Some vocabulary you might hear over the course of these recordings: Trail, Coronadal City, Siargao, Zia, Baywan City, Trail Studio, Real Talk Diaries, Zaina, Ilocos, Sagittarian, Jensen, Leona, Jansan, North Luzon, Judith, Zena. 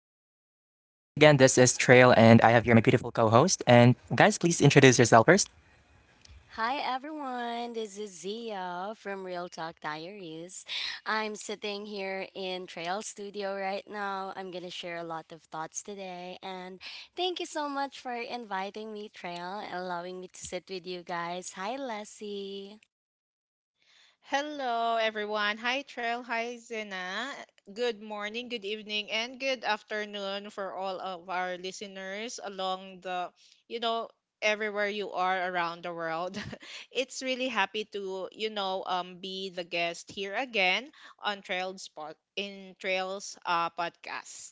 is Trail, and I have here my beautiful co host. And, guys, please introduce yourself first. Hi everyone, this is Zia from Real Talk Diaries. I'm sitting here in Trail Studio right now. I'm gonna share a lot of thoughts today, and thank you so much for inviting me, Trail, and allowing me to sit with you guys. Hi, Leslie. Hello, everyone. Hi, Trail. Hi, Zena. Good morning, good evening, and good afternoon for all of our listeners along you know, everywhere you are around the world. It's really happy to, be the guest here again on Trail's pod in Trail's podcast.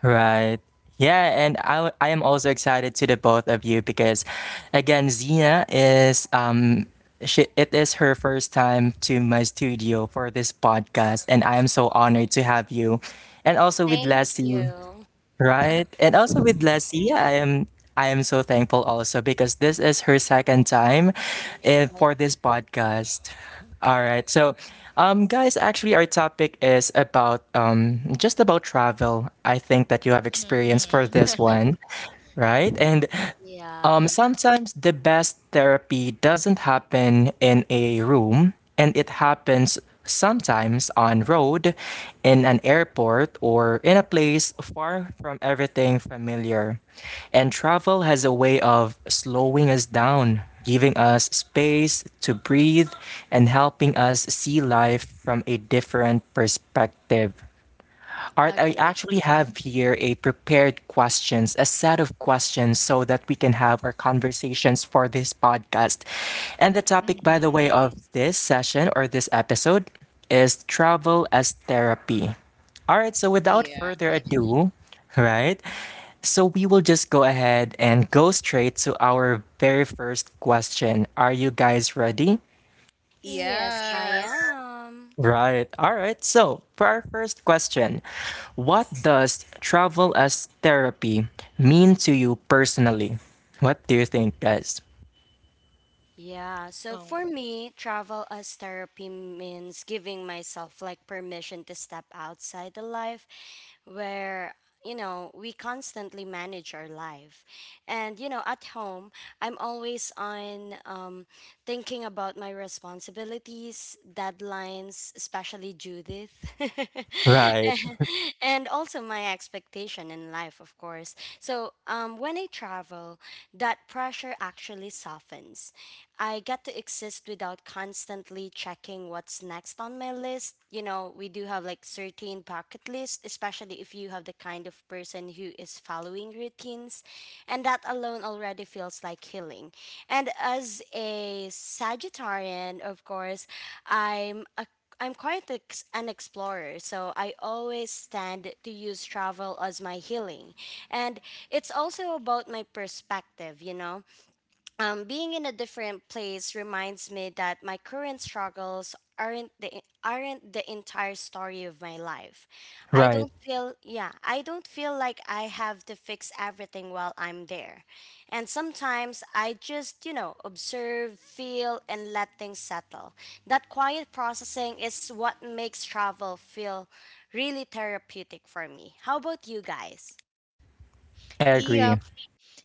Right. Yeah, and I am also excited to the both of you because, again, Zina is. It is her first time to my studio for this podcast, and I am so honored to have you. And also with Thank Lassie. you. Right. And also with Lassie, I am so thankful also because this is her second time Yes. for this podcast. All right. So, guys, actually our topic is about just about travel. I think that you have experience for Mhm. this one, right? And Yeah, sometimes the best therapy doesn't happen in a room, and it happens sometimes on road, in an airport, or in a place far from everything familiar. And travel has a way of slowing us down, giving us space to breathe, and helping us see life from a different perspective. Art, I agree. actually have here a prepared questions, a set of questions so that we can have our conversations for this podcast. And the topic, by the Mhm. way, of this session or this episode is travel as therapy. All right, so without Yeah. further ado, right? So we will just go ahead and go straight to our very first question. Are you guys ready? Yes, I Yes. am. Right. All right. So, for our first question, what does travel as therapy mean to you personally? What do you think, guys? Yeah, so Um, for me, travel as therapy means giving myself like permission to step outside the life where you know we constantly manage our life and you know at home I'm always on, thinking about my responsibilities, deadlines, especially Judith. Right. And also my expectation in life, of course. So when I travel, that pressure actually softens. I get to exist without constantly checking what's next on my list. You know, we do have like certain bucket lists, especially if you have the kind of person who is following routines. And that alone already feels like healing. And as a Sagittarian, of course, I'm a I'm quite an explorer, so I always tend to use travel as my healing. And It's also about my perspective, you know, being in a different place reminds me that my current struggles aren't the entire story of my life. Right. I don't feel like I have to fix everything while I'm there. And sometimes I just, you know, observe, feel and let things settle. That quiet processing is what makes travel feel really therapeutic for me. How about you guys? Agree.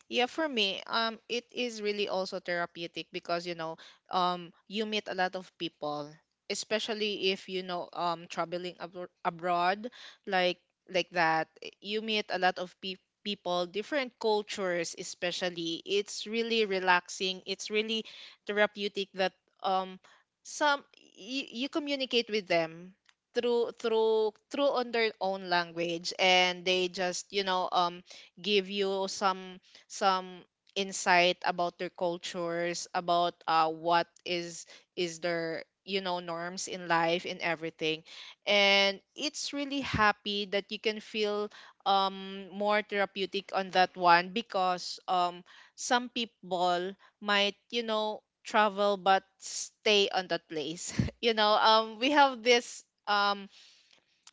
Yeah, for me, it is really also therapeutic because you meet a lot of people, especially if traveling abroad, like that, you meet a lot of people. People, different cultures, especially, it's really relaxing. It's really therapeutic that um some you communicate with them through on their own language, and they just give you some insight about their cultures, about what is their norms in life and everything, and it's really happy that you can feel more therapeutic on that one, because some people might travel but stay on that place. We have this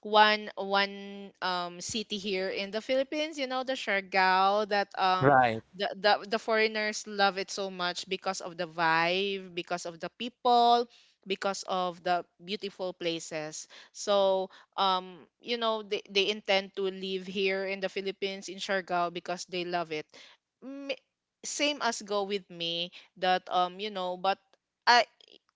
one city here in the Philippines, you know, the Siargao, that Right. The foreigners love it so much, because of the vibe, because of the people, because of the beautiful places. So, they intend to live here in the Philippines in Siargao because they love it. M- Same as go with me, that but I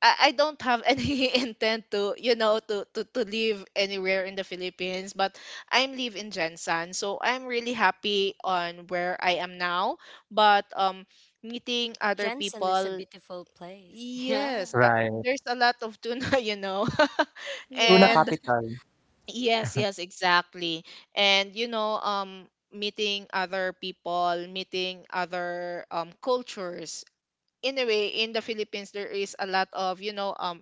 I don't have any intent to to live anywhere in the Philippines, but I'm live in Jensen, so I'm really happy on where I am now, but meeting other Jensen is a people. beautiful place. Yeah. Yes, Right. there's a lot of tuna Tuna Yeah. and capital. yes, yes, exactly. And meeting other people, meeting other cultures, in a way, in the Philippines there is a lot of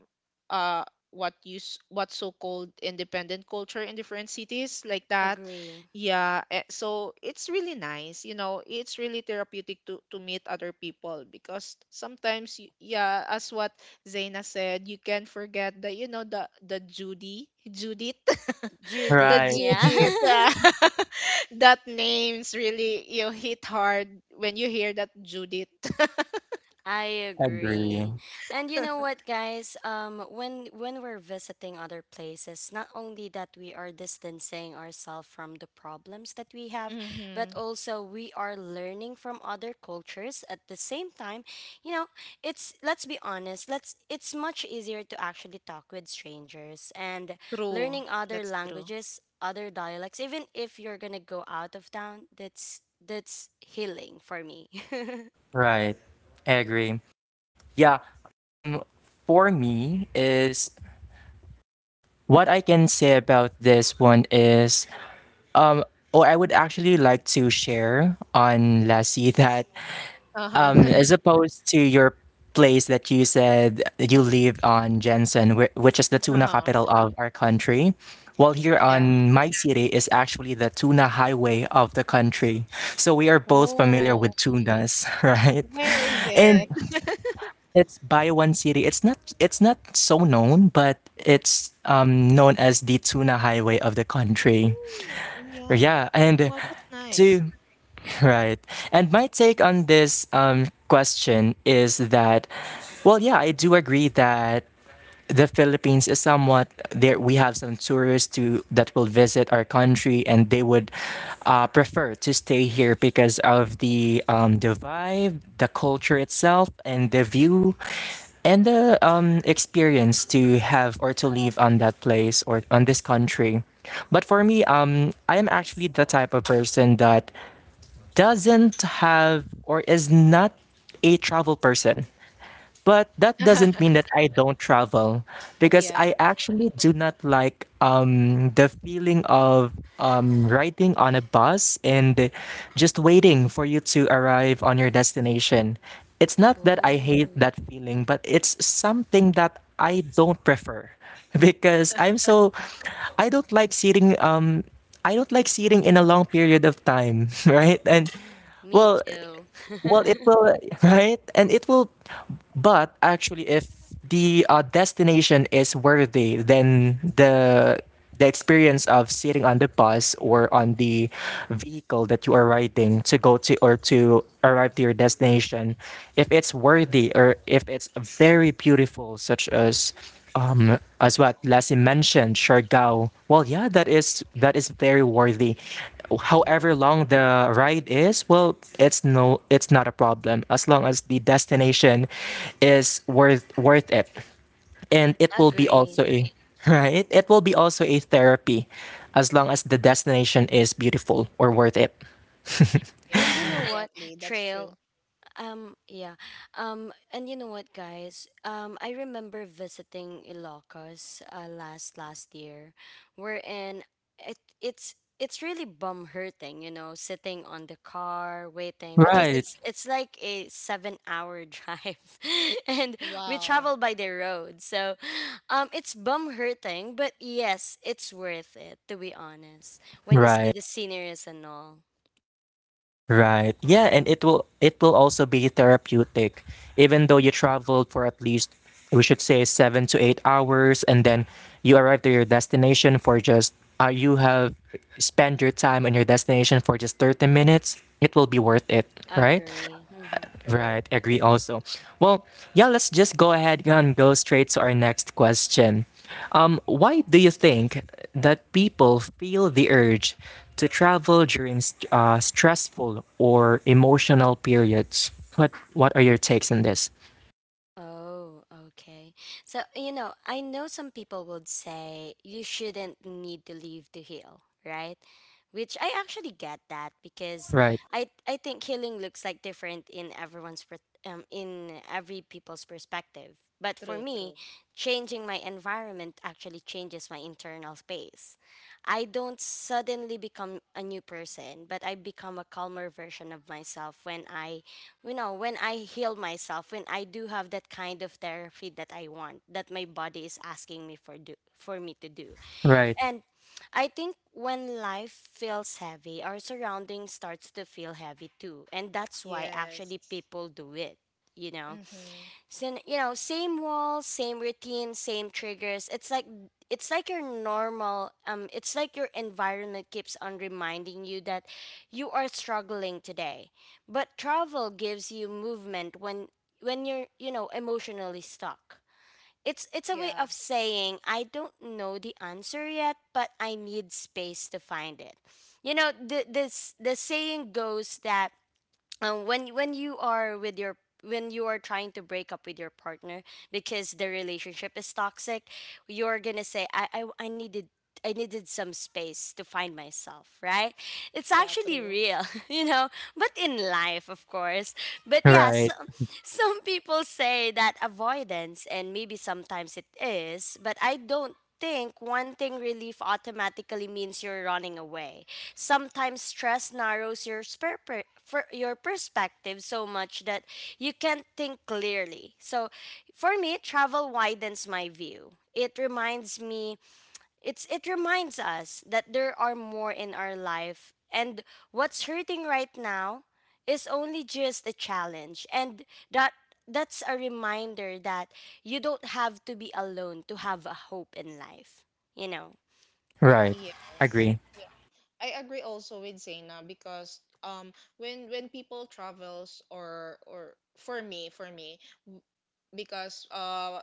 uh what so called independent culture in different cities like that. Agree. Yeah, so it's really nice, it's really therapeutic to meet other people because sometimes yeah, as what Zaina said, you can forget the the Judy Judith the Judith, Right. yeah. Judith, that names really you hit hard when you hear that Judith. I Agree. agree. And you know what, guys? When we're visiting other places, not only that we are distancing ourselves from the problems that we have, but Mhm. also we are learning from other cultures at the same time. You know, it's let's be honest, let's it's much easier to actually talk with strangers and True. learning other That's true. languages, other dialects. Even if you're gonna go out of town, that's healing for me. Right. Agree. Yeah. Um for me is what I can say about this one is oh, I would actually like to share on Lassie that Uh-huh. As opposed to your place that you said you live on Jensen, which is the tuna Uh-huh. capital of our country. Well, here Yeah. on my city is actually the tuna highway of the country. So we are both familiar with Oh, tunas, right? where is And it? it's Baywan City. It's not so known, but it's known as the tuna highway of the country. Mm, yeah. Yeah, and Well, that's nice. to right. And my take on this question is that, well, yeah, I do agree that the Philippines is somewhat there. We have some tourists to that will visit our country, and they would prefer to stay here because of the vibe, the culture itself, and the view, and the experience to have or to live on that place or on this country. But for me, I am actually the type of person that doesn't have or is not a travel person. But that doesn't mean that I don't travel because Yeah, I actually do not like the feeling of riding on a bus and just waiting for you to arrive on your destination. It's not that I hate Oh. that feeling, but it's something that I don't prefer because I'm so I don't like sitting um I don't like sitting in a long period of time, right? And Me well, too. well, it will, right? And it will, but actually, if the destination is worthy, then the experience of sitting on the bus or on the vehicle that you are riding to go to or to arrive to your destination, if it's worthy or if it's very beautiful, such as what Lassie mentioned, Siargao. Well, yeah, that is very worthy true. however long the ride is, well, it's no, it's not a problem as long as the destination is worth it, and it will be Agree. also a right. It will be also a therapy, as long as the destination is beautiful or worth it. And you Yeah, know what, exactly. That's true. Trail? Um, yeah. And you know what, guys? I remember visiting Ilocos last last year, wherein it's really bum hurting, you know, sitting on the car waiting because Right. It's like a 7 hour drive, and we Wow. travel by the road. So it's bum hurting, but yes, it's worth it, to be honest. When you see Right. the sceneries and all, Right. Wow. Yeah, and it will also be therapeutic. Even though you traveled for at least we should say 7 to 8 hours and then you arrive to your destination for just you have spent your time on your destination for just 30 minutes, it will be worth it, right? agree. Hmm. True. Right, agree That's also. Well, yeah, let's just go ahead and go straight to our next question. Why do you think that people feel the urge to travel during stressful or emotional periods? What are your takes on this? Oh, okay. So, you know, I know some people would say you shouldn't need to leave to heal, right? Which I actually get that because Right, I think healing looks like different in everyone's in every people's perspective. But for true, me, true. changing my environment actually changes my internal space. I don't suddenly become a new person, but I become a calmer version of myself when I you know, when I heal myself, when I do have that kind of therapy that I want, that my body is asking me for do for me to do. right, And I think when life feels heavy, our surroundings starts to feel heavy too, and that's why Yes. actually people do it, you know. Mm-hmm. So, you know, same walls, same routine, same triggers. It's like your normal it's like your environment keeps on reminding you that you are struggling today. But travel gives you movement when you're, you know, emotionally stuck. It's a way Yeah. of saying I don't know the answer yet, but I need space to find it. You know, the this the saying goes that, when you are with your when you are trying to break up with your partner because the relationship is toxic, you're gonna say, I needed some space to find myself, right? It's Yeah, actually true. real, you know, but in life, of course. But yeah, so, right, some people say that avoidance, and maybe sometimes it is, but I don't think wanting relief automatically means you're running away. Sometimes stress narrows your your perspective so much that you can't think clearly. So for me, travel widens my view. It's it reminds us that there are more in our life, and what's hurting right now is only just a challenge. And that that's a reminder that you don't have to be alone to have a hope in life, you know. right. Yes. Agree. Yeah. I agree also with Zaina, because when people travels, or for me, w- because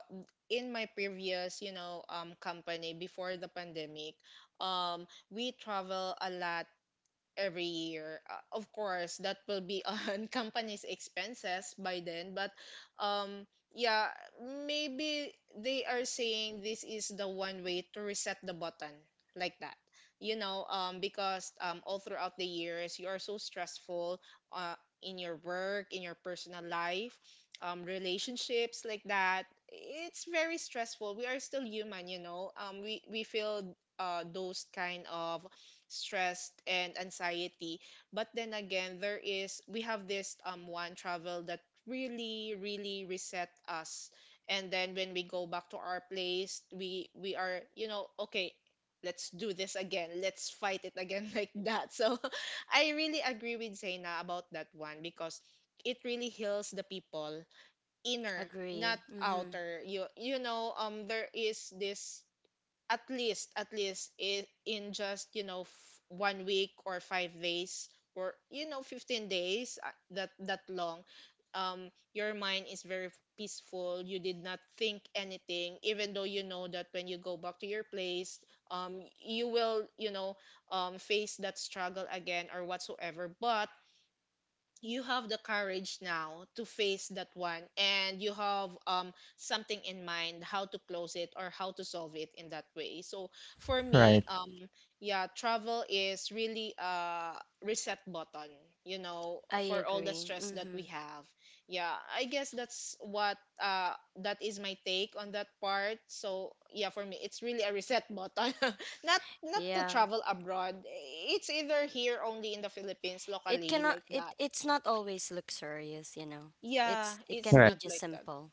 in my previous company before the pandemic, we travel a lot every year. Of course, that will be on company's expenses by then, but um yeah, maybe they are saying this is the one way to reset the button, like that. Because all throughout the years, you are so stressful uh in your work, in your personal life, relationships, like that. It's very stressful. We are still human. We feel those kind of stress and anxiety, but then again, there is we have this one travel that really really reset us, and then when we go back to our place, we are okay, let's do this again, let's fight it again. Like that, so I really agree with Zaina about that one, because it really heals the people inner, Agree. not Mhm. outer, there is this. At least, in just 1 week or 5 days, or 15 days, that long, your mind is very peaceful. You did not think anything, even though you know that when you go back to your place, you will face that struggle again or whatsoever, but you have the courage now to face that one, and you have something in mind how to close it or how to solve it, in that way. So for Right, me, yeah, travel is really a reset button I for all the agree. stress that we Mhm. have. Yeah, I guess that's what, that is my take on that part. So yeah, for me, it's really a reset button, not to Yeah. travel abroad. It's either here only in the Philippines locally, like It that. it's not always luxurious, you know. Yeah, It it's can right, be not just like that. simple.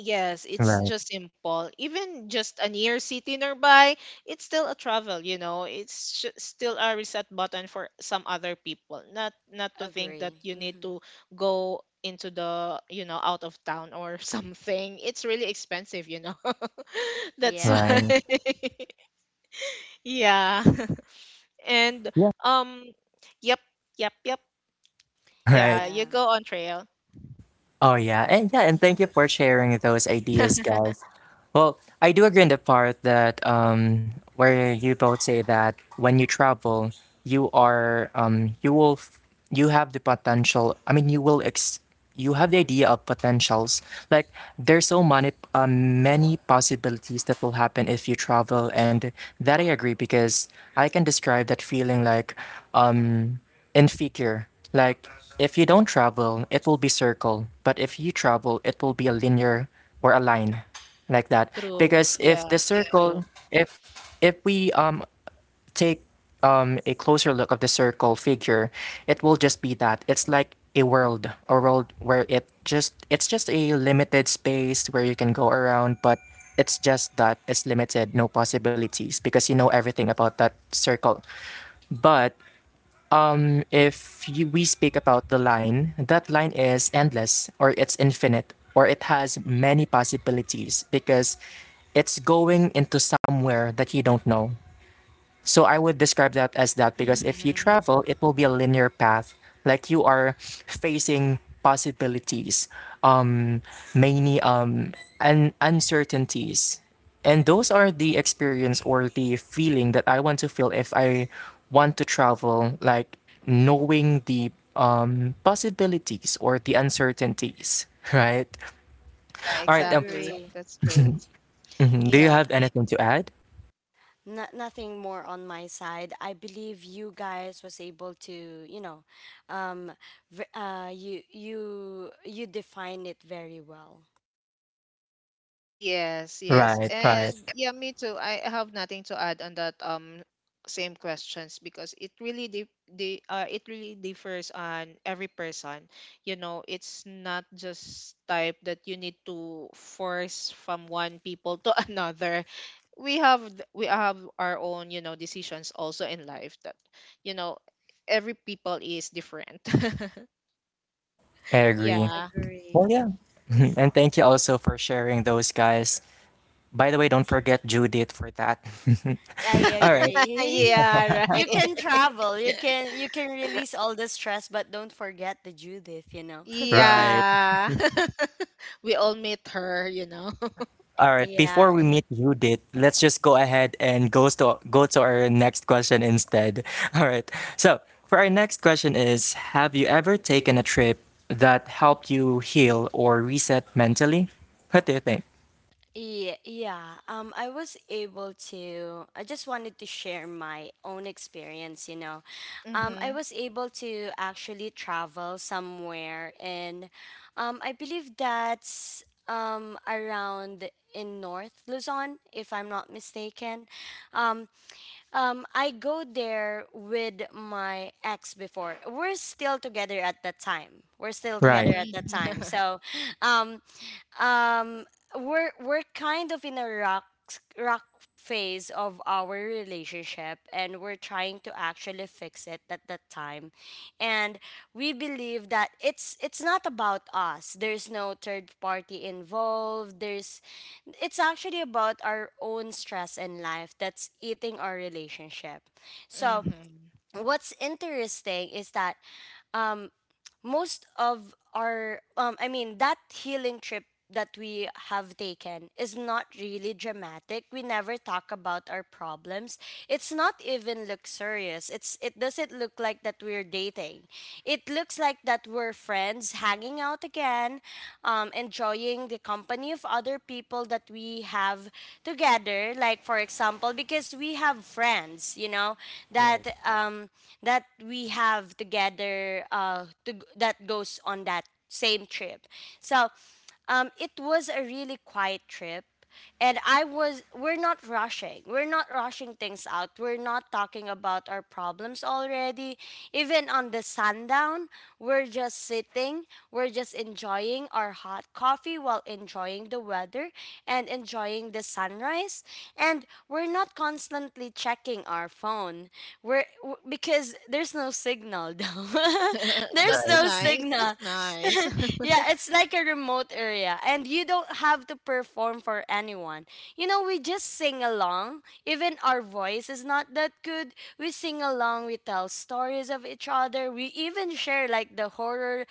Yes, it's right, just simple. Even just a near city nearby, it's still a travel. It's still a reset button for some other people. Not to think that Agree. you need Mm-hmm. to go into out of town or something. It's really expensive. That's why. Yeah. right. Yeah. And Yeah. um yep, yep, yep. Yeah, you Right. go Yeah. on Trail. Oh yeah, and yeah, and thank you for sharing those ideas, guys. Well, I do agree in the part that where you both say that when you travel, you are you have the potential. I mean, you will ex you have the idea of potentials. Like there's so many many possibilities that will happen if you travel, and that I agree because I can describe that feeling like um in figure. Like, if you don't travel, it will be circle. But if you travel, it will be a linear or a line, like that. True. Because if Yeah, the it's true. circle, if if we take a closer look of the circle figure, it will just be that. It's like a world where it just it's just a limited space where you can go around, but it's just that it's limited, no possibilities because you know everything about that circle. But if you, we speak about the line, that line is endless or it's infinite or it has many possibilities because it's going into somewhere that you don't know. So I would describe that as that because if you Mm-hmm. travel, it will be a linear path. Like you are facing possibilities, um, many and uncertainties. And those are the experience or the feeling that I want to feel if I want to travel, like knowing the possibilities or the uncertainties, right? Yeah, All right. Exactly. Agree. That's true. Mhm, Do you Yeah. have anything to add? No, nothing more on my side. I believe you guys was able to, you know, um you you define it very well. Yes, yes. Right, right. And yeah, me too. I have nothing to add on that same questions, because it really differs on every person. You know, it's not just type that you need to force from one people to another. We have our own, decisions also in life that, you know, every people is different. I agree. Yeah. Well, Agree. yeah. And thank you also for sharing those guys. By the way, don't forget Judith for that. I All right. agree. Yeah, You right. can travel. You can release all the stress, but don't forget the Judith, you know. Right. Yeah. We all meet her. All right. Yeah, Before we meet Judith, let's just go ahead and goes to go to our next question instead. All right. So, for our next question is, have you ever taken a trip that helped you heal or reset mentally? What do you think? yeah, yeah. I was able to. I just wanted to share my own experience. You know, I Mhm. was able to actually travel somewhere, and I believe that's around in North Luzon, if I'm not mistaken. Um, I go there with my ex before. We're still together at that time. We're still together Right. at that time. Mhm. So, um, um we're kind of in a rock phase of our relationship, and we're trying to actually fix it at that time. And we believe that it's not about us. There's no third party involved. There's It's actually about our own stress in life that's eating our relationship. So Mm-hmm. what's interesting is that most of our I mean, that healing trip that we have taken is not really dramatic. We never talk about our problems. It's not even luxurious. It's it doesn't look like that we're dating. It looks like that we're friends hanging out again, enjoying the company of other people that we have together. Like, for example, because we have friends, you know, that um, um, that we have together that goes on that same trip. So, it was a really quiet trip. We're not rushing. We're not rushing things out. We're not talking about our problems already. Even on the sundown, we're just sitting, we're just enjoying our hot coffee while enjoying the weather and enjoying the sunrise. And we're not constantly checking our phone. Because there's no signal though. There's That's Right. no nice. That's signal. nice. Yeah, it's like a remote area, and you don't have to perform for anyone. You know, we just sing along. Even our voice is not that good. We sing along, we tell stories of each other. We even share like the horror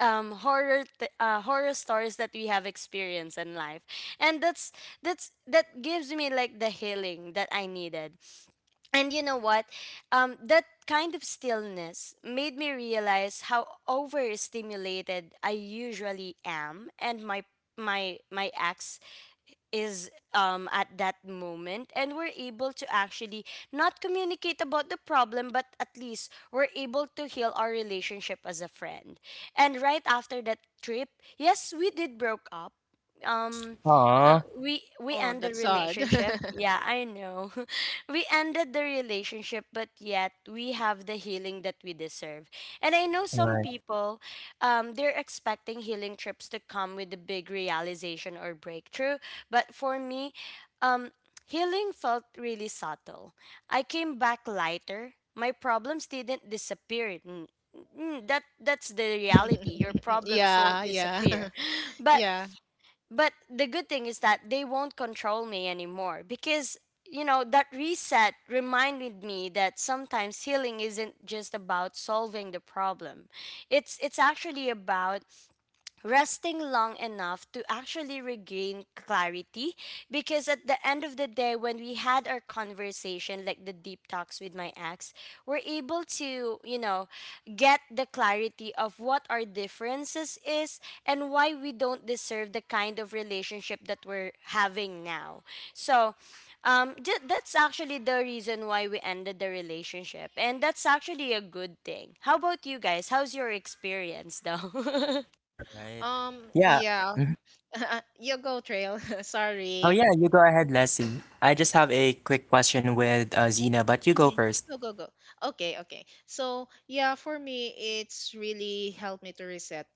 um horror t- uh, horror stories that we have experienced in life. And that gives me like the healing that I needed. And you know what? That kind of stillness made me realize how overstimulated I usually am, and my ex is, at that moment, and we're able to actually not communicate about the problem, but at least we're able to heal our relationship as a friend. And right after that trip, yes, we did broke up. um Aw. we Oh, end the that's sad. relationship. Yeah, I know. We ended the relationship, but yet we have the healing that we deserve. And I know some Right. people, they're expecting healing trips to come with a big realization or breakthrough, but for me, um, healing felt really subtle. I came back lighter. My problems didn't disappear. That that's the reality. Your problems won't Yeah, yeah. disappear, but Yeah. but the good thing is that they won't control me anymore. Because, you know, that reset reminded me that sometimes healing isn't just about solving the problem. It's actually about resting long enough to actually regain clarity. Because at the end of the day, when we had our conversation, like the deep talks with my ex, we're able to, you know, get the clarity of what our differences is and why we don't deserve the kind of relationship that we're having now. So, that's actually the reason why we ended the relationship, and that's actually a good thing. How about you guys? How's your experience though? Right. Yeah. Yeah. You go, Trail. Oh Sorry. yeah, you go ahead, Leslie. I just have a quick question with Zena, but you go Mhm. first. Go, go, go. Okay, okay. So, yeah, for me, it's really helped me to reset.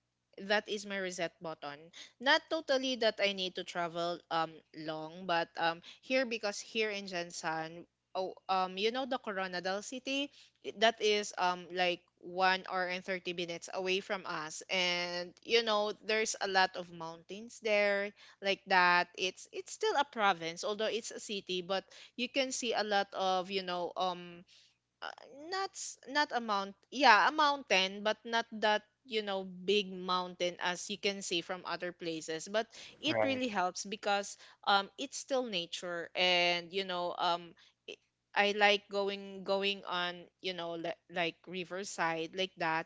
That is my reset button. Not totally that I need to travel long, but here, because here in Jansan, oh you know, the Coronadal City, that is like 1 hour and 30 minutes away from us, and you know there's a lot of mountains there, like that. It's still a province, although it's a city, but you can see a lot of uh, not a mountain, but not that you know big mountain, as you can see from other places, but it Right, really helps because it's still nature, and it- I like going on like riverside, like that.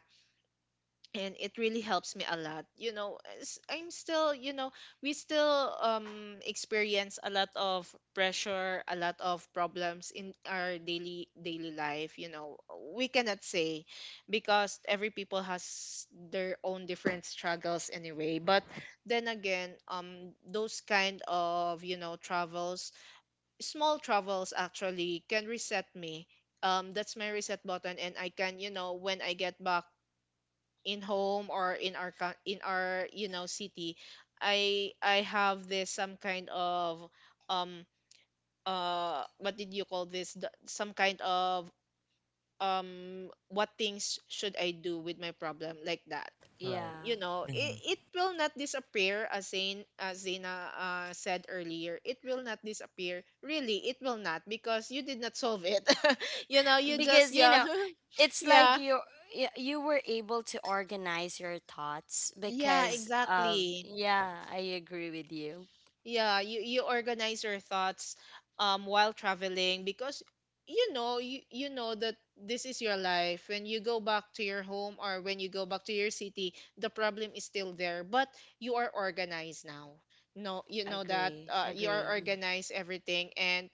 And it really helps me a lot, I'm still you know we still experience a lot of pressure, a lot of problems in our daily life we cannot say, because every people has their own different struggles anyway, but then again, those kind of travels, small travels, actually can reset me. That's my reset button, and I can, when I get back in home or in our in our city, I have this some kind of um what did you call this, some kind of what things should I do with my problem, like that. right, Yeah. You know, hmm it will not disappear, as Zaina said earlier. It will not disappear, really. It will not, because you did not solve it. You just, Because, you yeah. know, it's like Yeah, you you were able to organize your thoughts yeah, because of exactly. yeah, I agree with you. Yeah, you organize your thoughts while traveling, because you know that this is your life. When you go back to your home, or when you go back to your city, the problem is still there, but you are organized now. No, you know that, Agree. You are Agree. Mm. organized everything,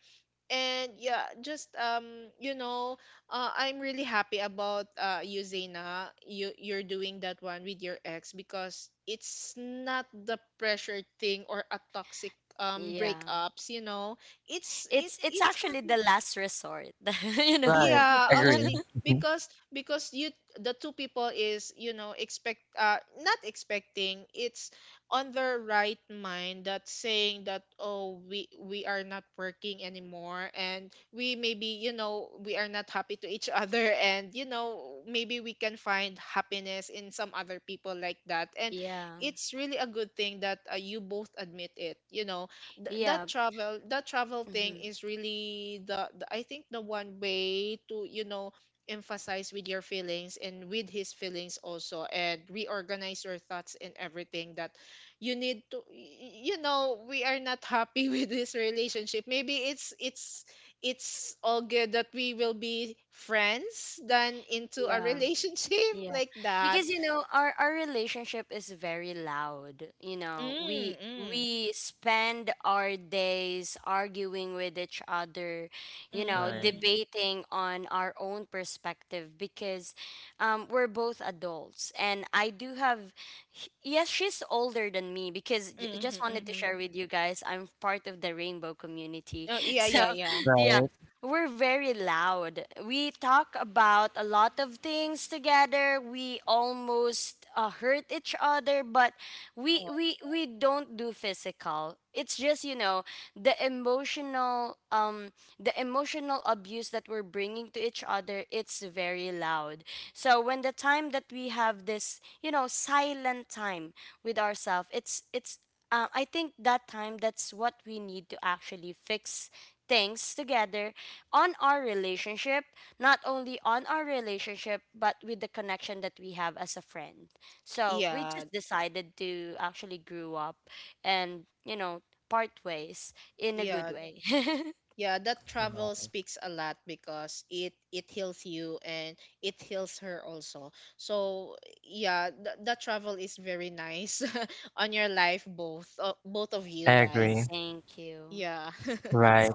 and yeah, just you know I'm really happy about you, Zena, you're doing that one with your ex, because it's not the pressure thing or a toxic Yeah. breakups, you know. it's it It's it's actually the happy. last resort, you know. right. Yeah, Agree. actually, Mhm. because you, the two people is, expect not expecting, it's on their right mind, that saying that, oh, we are not working anymore, and we maybe, you know, we are not happy to each other, and maybe we can find happiness in some other people, like that, and Yeah. it's really a good thing that you both admit it, Yeah. That travel thing, Hmm. is really the, I think, the one way to emphasize with your feelings, and with his feelings also, and reorganize your thoughts and everything, that you need to, we are not happy with this relationship, maybe it's all good that we will be friends then into a Yeah. relationship, Yeah. like that. Because, you know, our relationship is very loud. You know, Mm. Mm. we spend our days arguing with each other, you know, Right, Mhm. debating on our own perspective. Because we're both adults and I do have yes, she's older than me. Because Mhm. just wanted to Mhm. share with you guys, I'm part of the rainbow community. Oh, yeah, So, yeah, yeah. yeah, right, we're very loud. We talk about a lot of things together. We almost hurt each other, but we Oh. we we don't do physical. It's just you know the emotional abuse that we're bringing to each other. It's very loud. So when the time that we have this, you know, silent time with ourselves, it's I think that time that's what we need to actually fix things together on our relationship, not only on our relationship but with the connection that we have as a friend. So we Yeah, just decided to actually grew up and, you know, part ways in a good yeah, way. yeah. That travel right. speaks a lot, because it heals you, and it heals her also. So yeah, that travel is very nice on your life, both both of you Agree. guys. Thank you. Yeah, Right.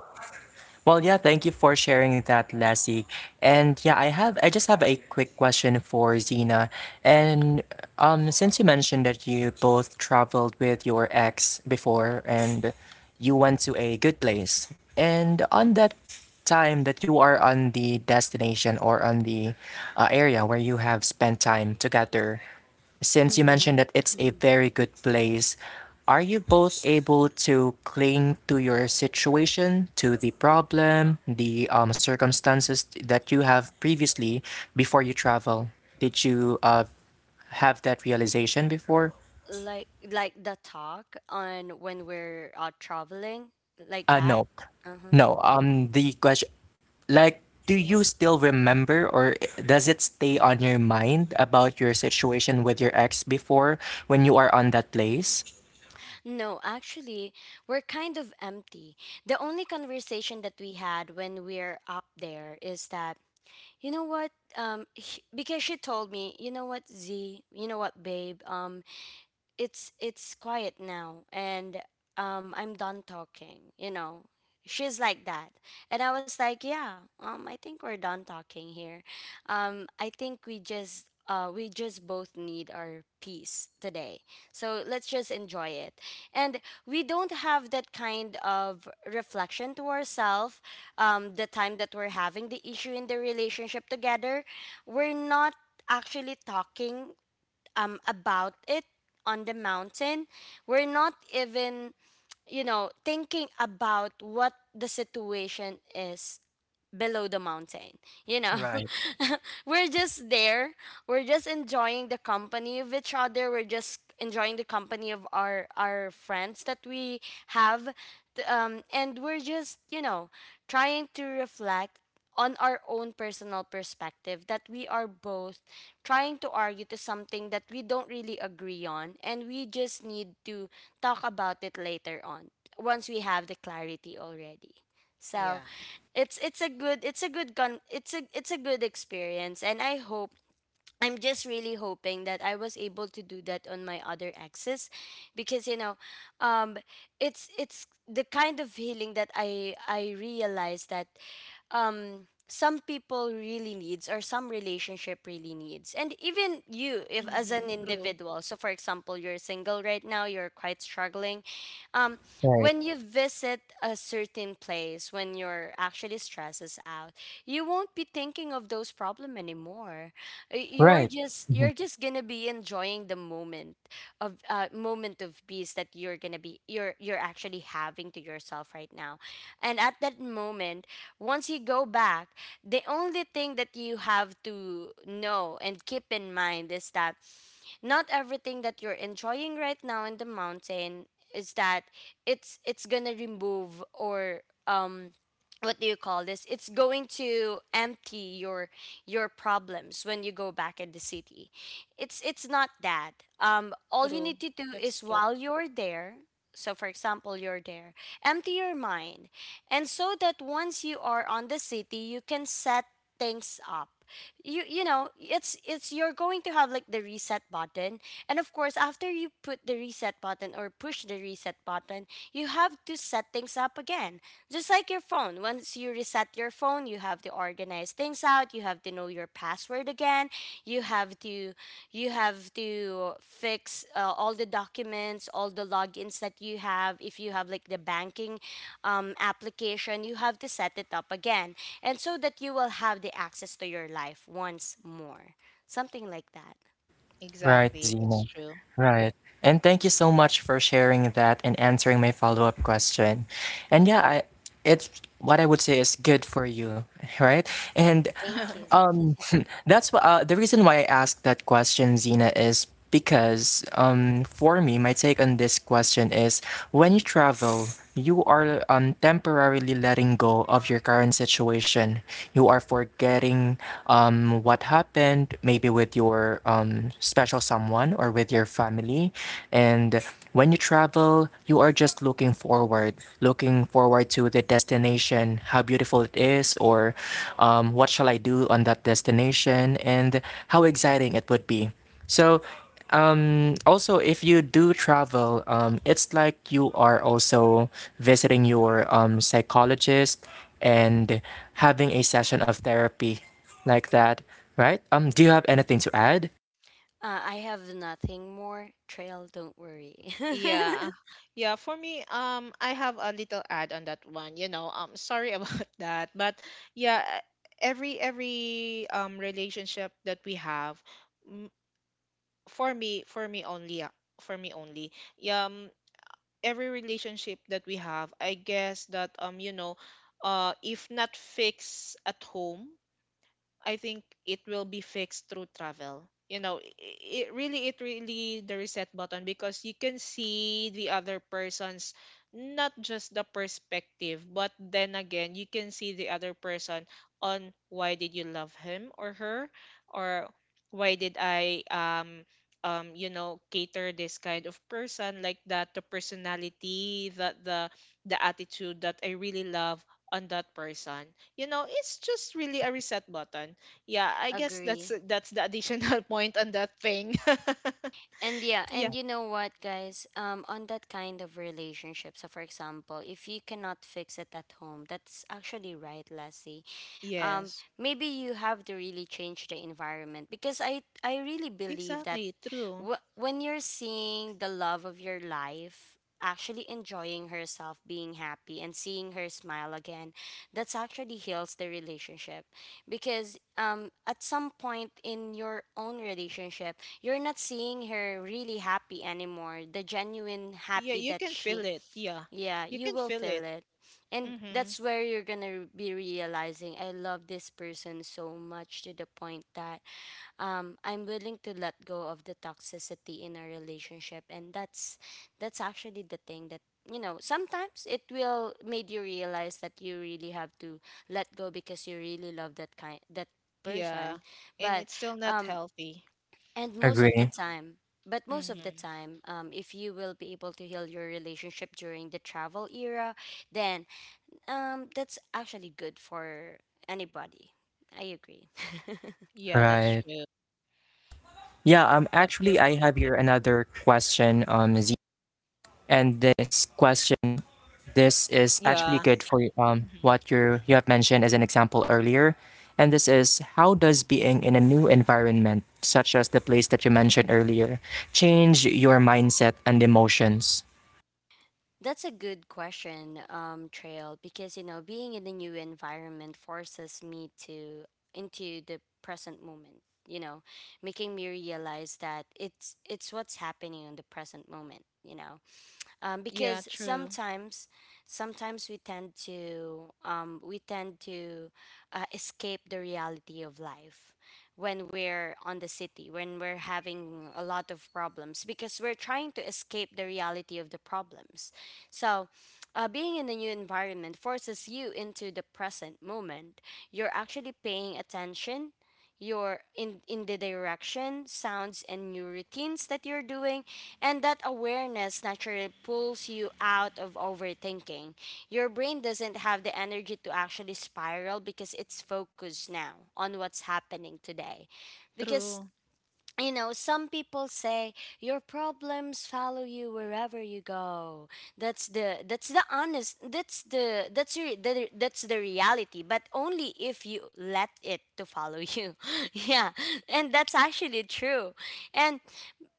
Well, yeah, thank you for sharing that, Lassie. And yeah, I just have a quick question for Zena. And since you mentioned that you both traveled with your ex before and you went to a good place. And on that time that you are on the destination or on the area where you have spent time together, since you Mhm. mentioned that it's a very good place, are you both able to cling to your situation, to the problem, the circumstances that you have previously before you travel? Did you have that realization before? Like the talk on when we're traveling like that. No, Uh-huh. no. The question, like, do you still remember or does it stay on your mind about your situation with your ex before when you are on that place? No, actually, we're kind of empty. The only conversation that we had when we're up there is that, you know what, because she told me, you know what Z, you know what babe, it's quiet now and I'm done talking, you know. She's like that. And I was like, yeah, I think we're done talking here. I think we just both need our peace today, so let's just enjoy it. And we don't have that kind of reflection to ourselves. The time that we're having the issue in the relationship together, we're not actually talking about it on the mountain. We're not even, you know, thinking about what the situation is below the mountain. You know, Right, we're just there. We're just enjoying the company of each other. We're just enjoying the company of our friends that we have. And we're just, you know, trying to reflect on our own personal perspective, that we are both trying to argue to something that we don't really agree on, and we just need to talk about it later on once we have the clarity already. So yeah. It's a good con it's a good experience. And I hope, I'm just really hoping that I was able to do that on my other exes, because, you know, um it's the kind of healing that I realized that some people really needs, or some relationship really needs. And even you, if as an Mm-hmm. True, individual, so for example you're single right now, you're quite struggling um right, when you visit a certain place, when you're actually stresses out, you won't be thinking of those problem anymore. You're right, just mhm. you're just gonna be enjoying the moment of peace that you're gonna be, you're actually having to yourself right now. And at that moment, once you go back, the only thing that you have to know and keep in mind is that not everything that you're enjoying right now in the mountain is that it's gonna remove or um what do you call this, it's going to empty your problems when you go back in the city. It's not that. All you true. need to do That's is true. while you're there. So for example, you're there, empty your mind, and so that once you are on the city, you can set things up. You know, it's you're going to have like the reset button. And of course, after you put the reset button or push the reset button, you have to set things up again. Just like your phone, once you reset your phone, you have to organize things out, you have to know your password again. You have to, you have to fix all the documents, all the logins that you have, if you have like the banking application, you have to set it up again. And so that you will have the access to your life once more. Something like that. Right, Exactly. That's Zena. true. Right. And thank you so much for sharing that and answering my follow-up question. And yeah, I it's what I would say is good for you, right? And Thank you. Um, the reason why I asked that question, Zena, is because for me, my take on this question is when you travel, you are temporarily letting go of your current situation. You are forgetting what happened, maybe with your special someone or with your family. And when you travel, you are just looking forward to the destination, how beautiful it is, or what shall I do on that destination, and how exciting it would be. So, also, if you do travel, it's like you are also visiting your psychologist and having a session of therapy like that, right? Do you have anything to add? I have nothing more. Trail, don't worry. Yeah. Yeah, for me, I have a little add on that one. You know, sorry about that, but yeah, every relationship that we have, mm, for me, for me only, yeah, every relationship that we have, I guess that you know, if not fixed at home, I think it will be fixed through travel. You know, it really the reset button because you can see the other person's not just the perspective, but then again, you can see the other person on why did you love him or her, or why did I you know cater this kind of person like that, the personality that the attitude that I really love on that person. You know, it's just really a reset button. Yeah, I guess Agree. that's the additional point on that thing. And yeah, Yeah. and you know what, guys? On that kind of relationship, so for example, if you cannot fix it at home, that's actually right, Lassie. Yes, Maybe you have to really change the environment, because I really believe that exactly true. When you're seeing the love of your life actually enjoying herself, being happy, and seeing her smile again, that's actually heals the relationship. Because at some point in your own relationship, you're not seeing her really happy anymore, the genuine Yeah, happy you that can feel she, it, yeah. yeah, You you can will feel it. feel it. And Mm-hmm. that's where you're gonna be realizing, I love this person so much, to the point that I'm willing to let go of the toxicity in our relationship. And that's actually the thing that, you know, sometimes it will made you realize that you really have to let go, because you really love that kind, that Yeah, person, and but it's still not um, healthy. and most of the Agree. time. But most of the Mm-hmm. time, if you will be able to heal your relationship during the travel era, then that's actually good for anybody. I agree. Yeah, that's Right. true. Yeah, Yep, actually yep. I have here another question, and this question, this is actually Yeah. good for Mm-hmm. what you have mentioned as an example earlier. And this is how does being in a new environment, such as the place that you mentioned earlier, change your mindset and emotions? That's a good question, Trail, because you know, being in a new environment forces me to into the present moment, you know, making me realize that it's what's happening in the present moment, you know Yeah, because true, sometimes we tend to escape the reality of life when we're on the city, when we're having a lot of problems, because we're trying to escape the reality of the problems. So being in a new environment forces you into the present moment. You're actually paying attention. You're in the direction sounds and new routines that you're doing. And that awareness naturally pulls you out of overthinking. Your brain doesn't have the energy to actually spiral because it's focused now on what's happening today. Because, true, you know, some people say your problems follow you wherever you go. That's the honest that's the that's the reality, but only if you let it to follow you. Yeah. And that's actually true. And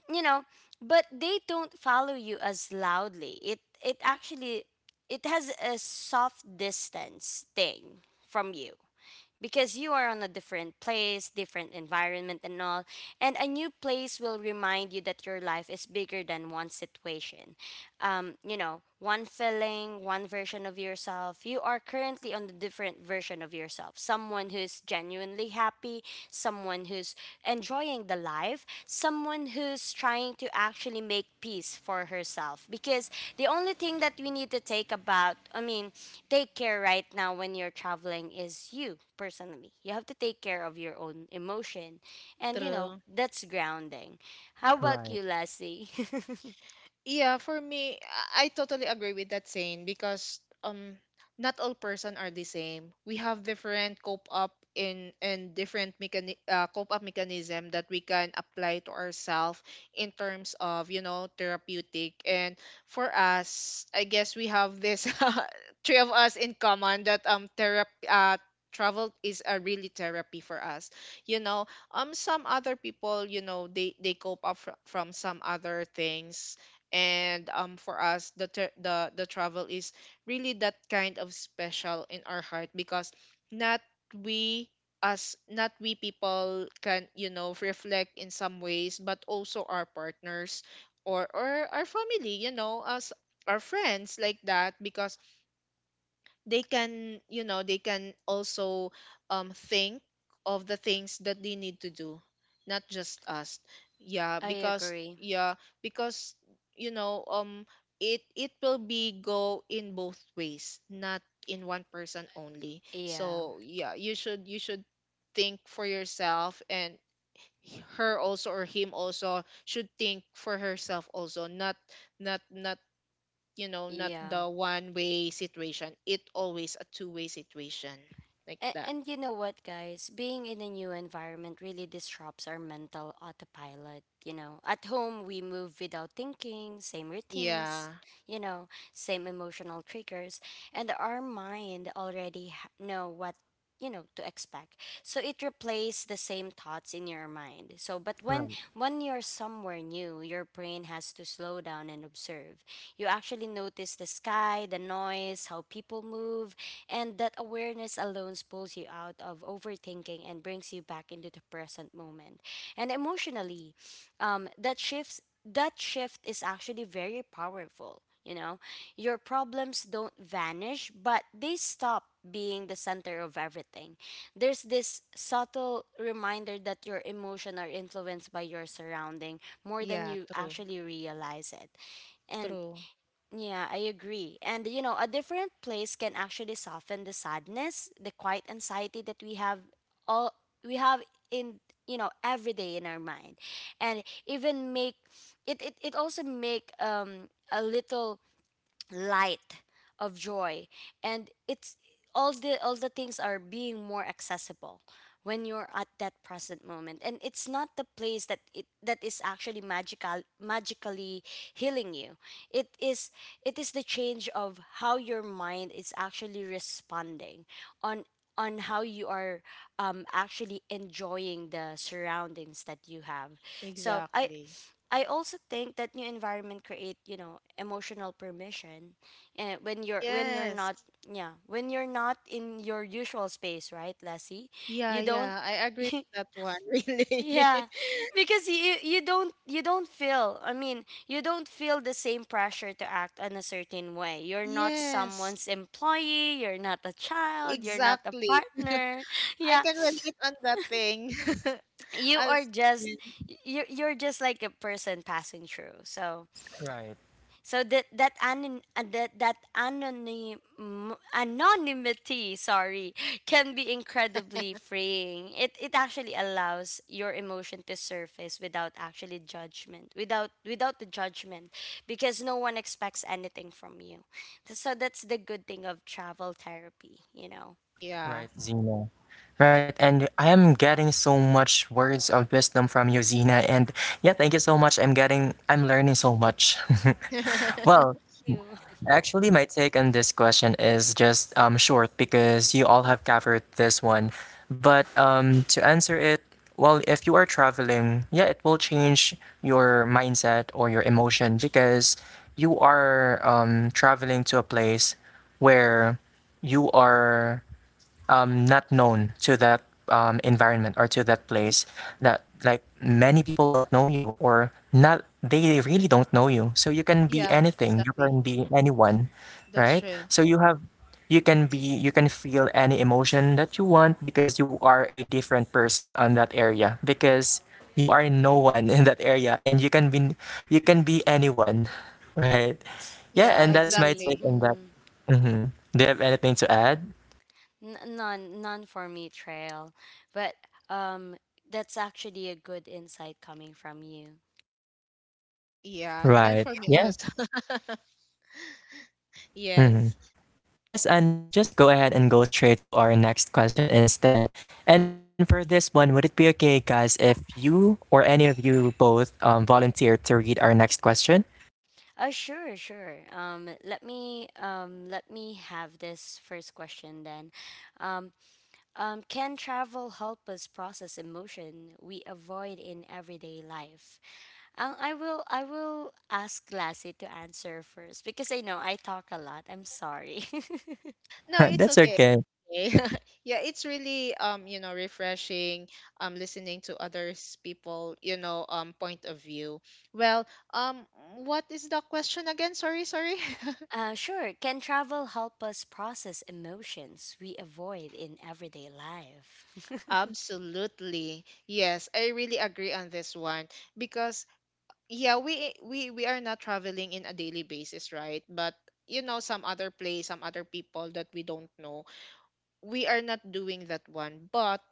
you know, but they don't follow you as loudly. It actually, it has a soft distance thing from you, because you are on a different place, different environment and all. And a new place will remind you that your life is bigger than one situation, you know, one feeling, one version of yourself. You are currently on the different version of yourself. Someone who's genuinely happy, someone who's enjoying the life, someone who's trying to actually make peace for herself. Because the only thing that we need to take about, I mean, take care right now when you're traveling is you personally. You have to take care of your own emotion. And, you know, true. that's grounding. How about you, Right, Lassie? Yeah, for me, I totally agree with that saying because not all person are the same. We have different cope up in and different cope up mechanism that we can apply to ourselves in terms of, you know, therapeutic. And for us, I guess we have this three of us in common that therapy travel is a really therapy for us. You know, some other people, you know, they cope up from some other things. And for us, the travel is really that kind of special in our heart because not we as not we people can, you know, reflect in some ways, but also our partners or our family, you know us, our friends like that, because they can, you know, they can also think of the things that they need to do, not just us. Yeah, I because agree. yeah, because you know it it will be go in both ways, not in one person only. Yeah, So yeah, you right, should, you should think for yourself, and her also or him also should think for herself also, not not not you know, not yeah. the one way situation. It always a two-way situation like that. And you know what, guys? Being in a new environment really disrupts our mental autopilot. You know, at home, we move without thinking, same routines, Yeah, you know, same emotional triggers, and our mind already know what, you know, to expect, so it replaces the same thoughts in your mind. So but when right, when you're somewhere new, your brain has to slow down and observe. You actually notice the sky, the noise, how people move. And that awareness alone pulls you out of overthinking and brings you back into the present moment. And emotionally, um, that shifts that shift is actually very powerful. You know, your problems don't vanish, but they stop being the center of everything. There's this subtle reminder that your emotions are influenced by your surrounding more than yeah you true, actually realize it. And true, yeah, I agree. And you know, a different place can actually soften the sadness, the quiet anxiety that we have all, we have in, you know, every day in our mind. And even make it, it also make a little light of joy. And it's all the, all the things are being more accessible when you're at that present moment. And it's not the place that it that is actually magical, magically healing you. It is, it is the change of how your mind is actually responding on on how you are actually enjoying the surroundings that you have. So exactly, I also think that new environment create, you know, emotional permission, and when you're, when you're not, yes, yeah, when you're not in your usual space, right, Lassie, yeah, you don't yeah, I agree with that one yeah, really. because you you don't feel, I mean, you don't feel the same pressure to act in a certain way. You're not Yes, someone's employee. You're not a child. You're not a exactly, partner. I Yeah, can relate on that thing. you are As just, you're you're just like a person passing through. So, right, so that that anon that anonymity, sorry, can be incredibly freeing. It actually allows your emotion to surface without actually judgment, without the judgment, because no one expects anything from you. So that's the good thing of travel therapy, you know. yeah right, Zena, right, and I am getting so much words of wisdom from you, Zena. And yeah, thank you so much. I'm learning so much. Well, You actually, my take on this question is just short because you all have covered this one. But To answer it, well, if you are traveling, yeah, it will change your mindset or your emotion because you are traveling to a place where you are not known to that environment or to that place. That, like, many people don't know you, or not, they really don't know you, so you can be yeah, anything, you exactly, can be anyone. that's Right, true. so you can be, you can feel any emotion that you want because you are a different person on that area, because you are no one in that area and you can be, you can be anyone. Right, yeah, Yeah, and that's my agree? take exactly. on that. Mm-hmm. Hmm, do you have anything to add? None for me, Trail, but um, that's actually a good insight coming from you. Yeah, none Right. for me Yeah. also. Mhm. Yes. Yes, and let's just go ahead and go straight to our next question instead. And for this one, would it be okay, guys, if you or any of you both volunteer to read our next question? Sure, sure. Let me let me have this first question then. Um, can travel help us process emotion we avoid in everyday life? I will ask Lassie to answer first because I know I talk a lot. I'm sorry. No, it's That's okay. okay. Okay. Yeah, it's really you know, refreshing listening to others people, you know, point of view. Well, um what is the question again? Sorry, sorry. Sure. Can travel help us process emotions we avoid in everyday life? Absolutely. Yes, I really agree on this one because yeah, we are not traveling in a daily basis, right? But you know, some other place, some other people that we don't know. We are not doing that one, but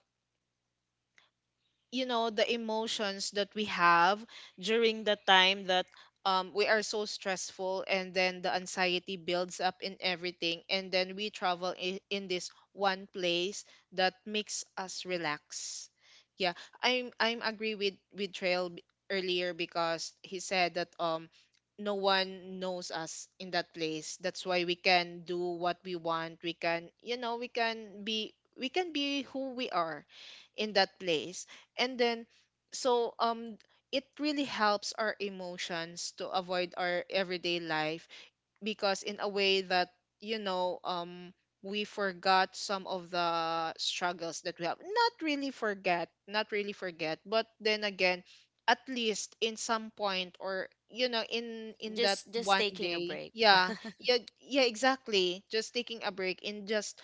you know the emotions that we have during the time that we are so stressful, and then the anxiety builds up in everything, and then we travel in this one place that makes us relax. Yeah, I'm agree with Trail earlier because he said that no one knows us in that place. That's why we can do what we want. We can, you know, we can be who we are in that place. And then so it really helps our emotions to avoid our everyday life because in a way that, you know, we forgot some of the struggles that we have. Not really forget, not really forget, but then again, at least in some point, or you know, in that Just one taking a day, break. yeah. Yeah, yeah, exactly, just taking a break in just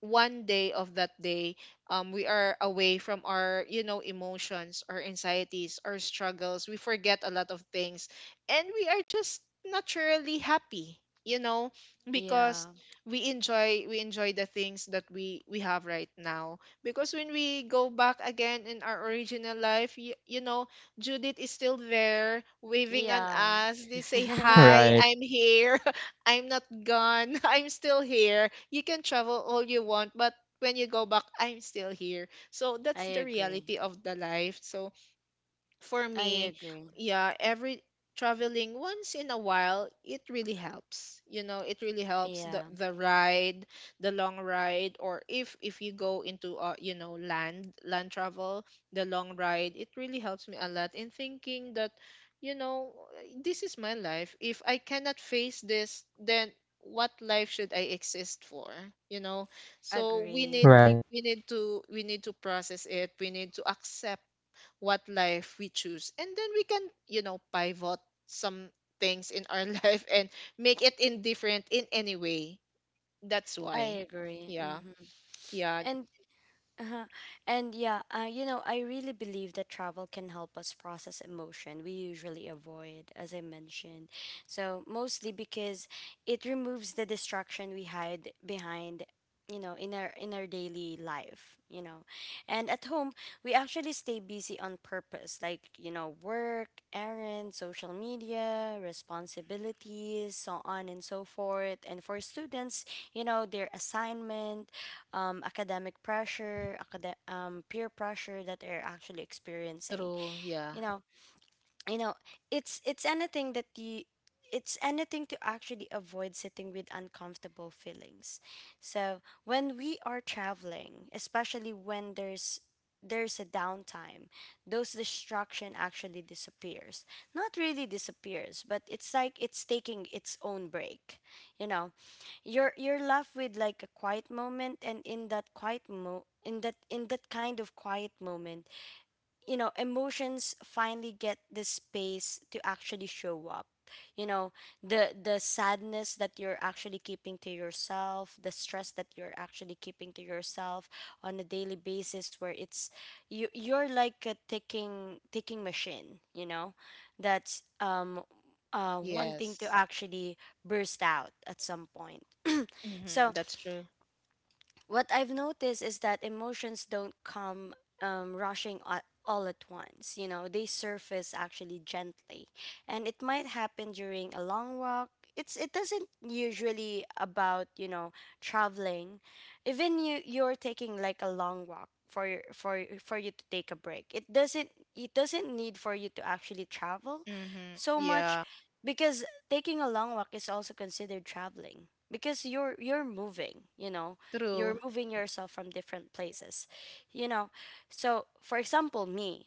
one day of that day. We are away from our, you know, emotions, our anxieties, our struggles. We forget a lot of things, and we are just naturally happy, you know, Yeah. because we enjoy, we enjoy the things that we have right now, because when we go back again in our original life, you know, Judith is still there waving on Yeah. us. They say, hi, Right, I'm here. I'm not gone. I'm still here. You can travel all you want, but when you go back, I'm still here. So I that's the agree. reality of the life. So for I me, agree. yeah, every traveling once in a while, it really helps. You know, it really helps Yeah, the ride, the long ride, or if you go into you know, land travel, the long ride, it really helps me a lot in thinking that, you know, this is my life. If I cannot face this, then what life should I exist for? You know, so we agree. need right. We need to, we need to process it. We need to accept what life we choose, and then we can, you know, pivot some things in our life and make it indifferent in any way. That's why I agree. yeah, Mm-hmm. yeah And Uh-huh. And yeah, you know, I really believe that travel can help us process emotion we usually avoid, as I mentioned. So, mostly because it removes the distraction we hide behind, you know, in our daily life, you know. And at home, we actually stay busy on purpose, like, you know, work, errands, social media, responsibilities, so on and so forth. And for students, you know, their assignment academic pressure, peer pressure that they're actually experiencing. true, You yeah, know, you know, it's anything that you it's anything to actually avoid sitting with uncomfortable feelings. So when we are traveling, especially when there's a downtime, those distraction actually disappears. Not really disappears, but it's like it's taking its own break. You know, you're left with like a quiet moment and in that quiet mo in that kind of quiet moment, you know, emotions finally get the space to actually show up, you know, the sadness that you're actually keeping to yourself, the stress that you're actually keeping to yourself on a daily basis where it's you you're like a ticking machine, you know, that's wanting to yes, actually burst out at some point. mm-hmm, So that's true, what I've noticed is that emotions don't come rushing all at once. You know, they surface actually gently, and it might happen during a long walk. It doesn't usually about, you know, traveling, even you're taking like a long walk for your, for you to take a break. It doesn't need for you to actually travel mm-hmm, so much yeah, because taking a long walk is also considered traveling because you're moving, you know, you're true, moving yourself from different places. You know, so for example, me,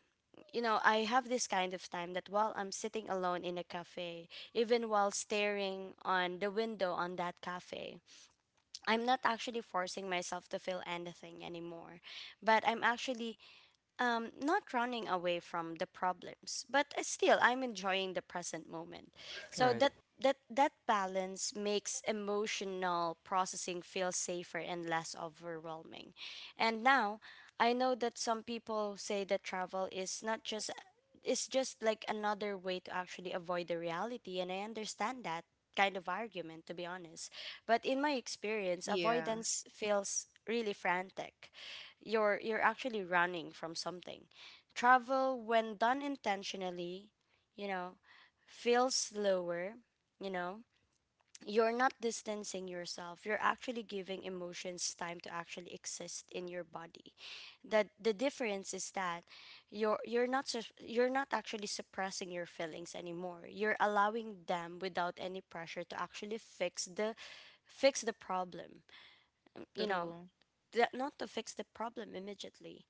you know, I have this kind of time that while I'm sitting alone in a cafe, even while staring on the window on that cafe, I'm not actually forcing myself to feel anything anymore, but I'm actually not running away from the problems, but still I'm enjoying the present moment. So Right, that that balance makes emotional processing feel safer and less overwhelming. And now I know that some people say that travel is not just it's just like another way to actually avoid the reality, and I understand that kind of argument, to be honest. But in my experience, yeah avoidance feels really frantic. You're actually running from something. Travel, when done intentionally, you know, feels slower, you know. You're not distancing yourself. You're actually giving emotions time to actually exist in your body. That the difference is that you're not actually suppressing your feelings anymore. You're allowing them without any pressure to actually fix the problem. You know, true, that not to fix the problem immediately.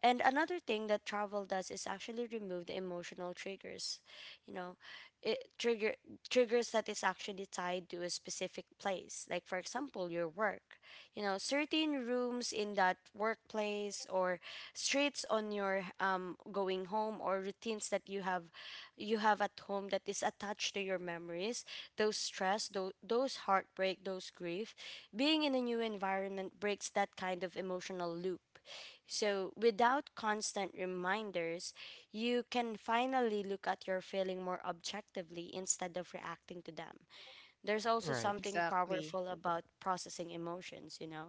And another thing that travel does is actually remove the emotional triggers, you know, it triggers that is actually tied to a specific place. Like for example, your work, you know, certain rooms in that workplace or streets on your going home or routines that you have at home that is attached to your memories, those stress, those heartbreak, those grief, being in a new environment breaks that kind of emotional loop. So, without constant reminders, you can finally look at your feeling more objectively instead of reacting to them. There's also right, something exactly, powerful about processing emotions, you know.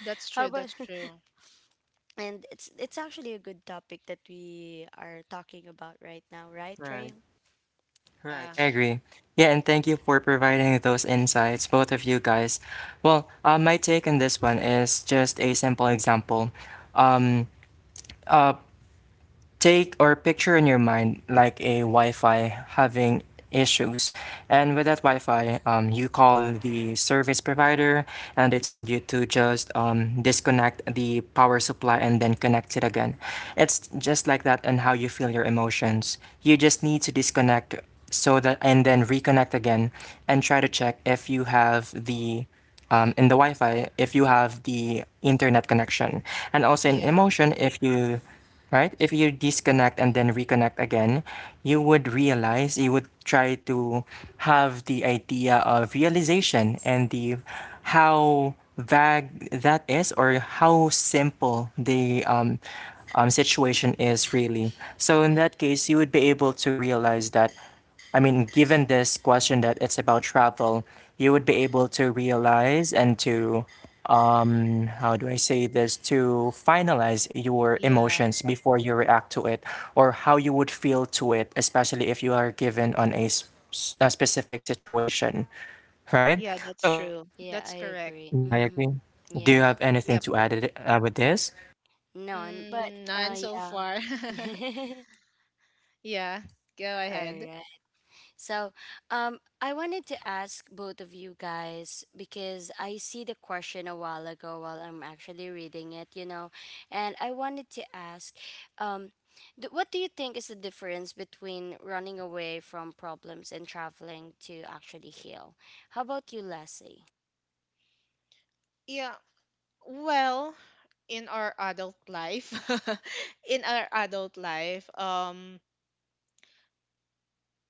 that's How true, about that's true, and it's actually a good topic that we are talking about right now, right, Trail? right. yeah I agree. Yeah, and thank you for providing those insights, both of you guys. Well, my take on this one is just a simple example. Um, uh, Take or picture in your mind like a Wi-Fi having issues, and with that Wi-Fi, you call the service provider, and they told you to just disconnect the power supply and then connect it again. It's just like that, and how you feel your emotions. You just need to disconnect so that, and then reconnect again, and try to check if you have the in the Wi-Fi, if you have the internet connection, and also in yeah emotion, if you, right? If you disconnect and then reconnect again, you would realize, you would try to have the idea of realization and the how vague that is or how simple the situation is really. So in that case, you would be able to realize that, I mean, given this question that it's about travel, you would be able to realize and to, how do I say this, to finalize your yeah emotions before you react to it, or how you would feel to it, especially if you are given on a, a specific situation, right? yeah, that's So, true, Yeah, that's I correct. agree. yeah, I agree. Mm-hmm. Do you Yeah. have anything Yep. to add it, with this? None, but Mm, none so far. yeah. Yeah, go All ahead. right. So, I wanted to ask both of you guys because I see the question a while ago while I'm actually reading it, you know, and I wanted to ask, um, what do you think is the difference between running away from problems and traveling to actually heal? How about you, Leslie? Yeah. Well, in our adult life, in our adult life,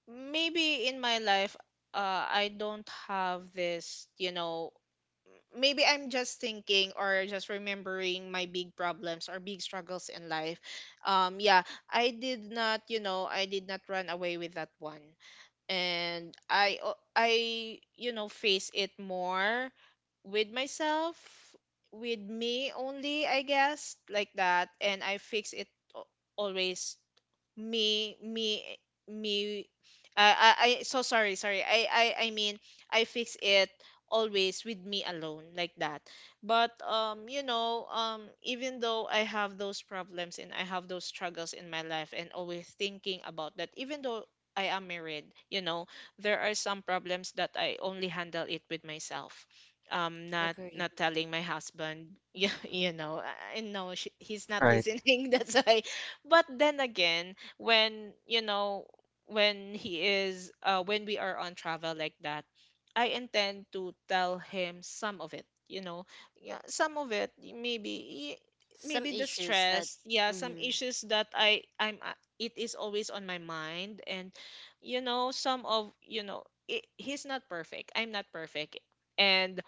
maybe in my life, I don't have this, you know, maybe I'm just thinking or just remembering my big problems or big struggles in life. Yeah, I did not, you know, I did not run away with that one, and I, you know, face it more with myself, with me only, I guess, like that, and I fix it al- always. Me me me I so sorry, sorry, I mean I fix it always with me alone, like that. But you know, even though I have those problems and I have those struggles in my life and always thinking about that, even though I am married, you know, there are some problems that I only handle it with myself, not, Agree. not telling my husband. You know, I know she, he's not Right, listening. That's why. But then again, when you know, when he is when we are on travel like that, I intend to tell him some of it, you know. Yeah, some of it, Some maybe the issues that, stress, yeah, some mm-hmm. issues that I'm it is always on my mind, and you know, some of, you know, it, he's not perfect, I'm not perfect, and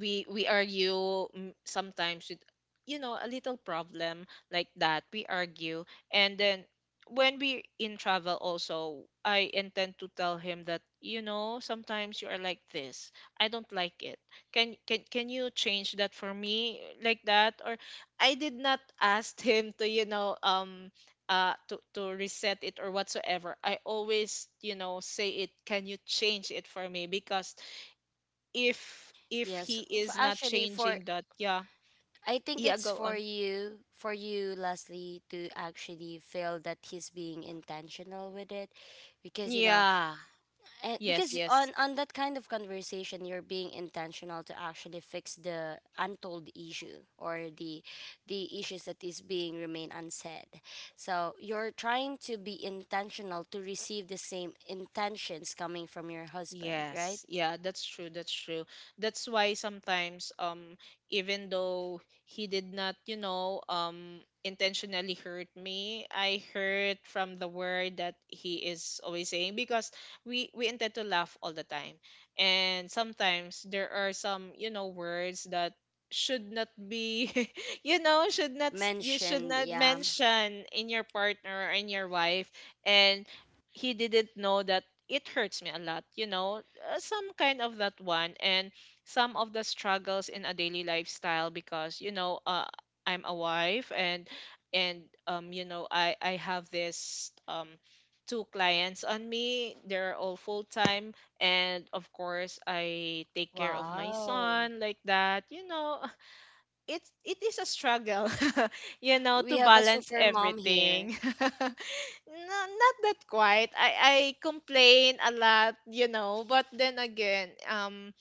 we argue, mm, sometimes with, you know, a little problem like that, we argue. And then when we in travel also, I intend to tell him that, you know, sometimes you are like this. I don't like it. Can you change that for me, like that? Or I did not ask him to, you know, to reset it or whatsoever. I always, you know, say it, can you change it for me? Because if Yes, he is not actually for changing that, yeah. I think Yeah, it's go on. For you, Leslie, to actually feel that he's being intentional with it, because you know, Yeah. and Yes, because yes. on that kind of conversation, you're being intentional to actually fix the untold issue or the issues that is being remain unsaid. So you're trying to be intentional to receive the same intentions coming from your husband, right? Yes, yeah, that's true, that's true. That's why sometimes even though he did not, you know, intentionally hurt me, I heard from the word that he is always saying because we intend to laugh all the time. And sometimes there are some, you know, words that should not be you know, should not s- you should Mentioned, not yeah. mention in your partner or in your wife, and he didn't know that it hurts me a lot, you know, some kind of that one. And some of the struggles in a daily lifestyle, because you know, I'm a wife, and you know, I have this two clients on me. They're all full time, and of course I take care of my Wow. son, like that. You know, it is a struggle, you know, We to have a balance super mom here. everything. No, not that quite. I complain a lot, you know, but then again,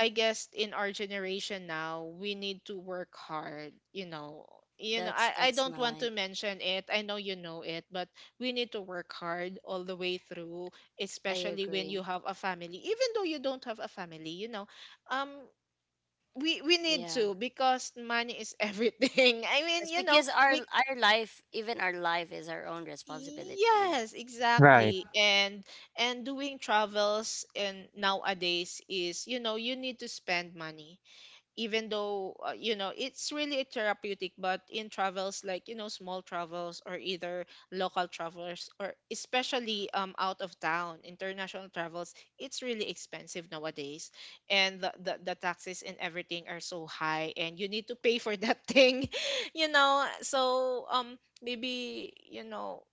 I guess in our generation now, we need to work hard, you know. You know, I That's don't want to nice. mention it. I know you know it, but we need to work hard all the way through, I especially when you agree. have a family. Even though you don't have a family, you know, um we need Yeah. to, because money is everything. I mean, Yes, you know, because we. our life, even our life, is our own responsibility. You know. Yes, right, exactly. And doing travels and nowadays is, you know, you need to spend money. Even though, you know, it's really therapeutic, but in travels, like, you know, small travels, or either local travels, or especially out of town, international travels, it's really expensive nowadays. And the taxes and everything are so high, and you need to pay for that thing, you know. So, maybe, you know,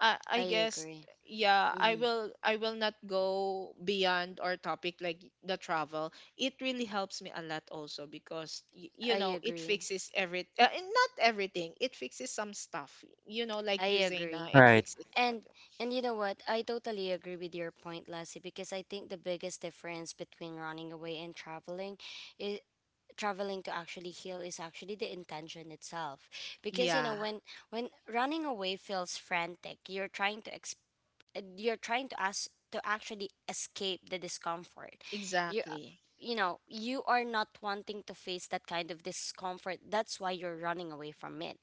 I I guess agree. yeah, Hmm. I will not go beyond our topic like the travel. It really helps me a lot also because you I know, it agree. fixes every and not everything. It fixes some stuff. You know, I like you, agree. Zaina, it right, fixes that. And and you know what? I totally agree with your point, Lassie, because I think the biggest difference between running away and traveling is traveling to actually heal is actually the intention itself because you know Yeah, when running away feels frantic you're trying to ask to actually escape the discomfort, you exactly. you know, you are not wanting to face that kind of discomfort, that's why you're running away from it.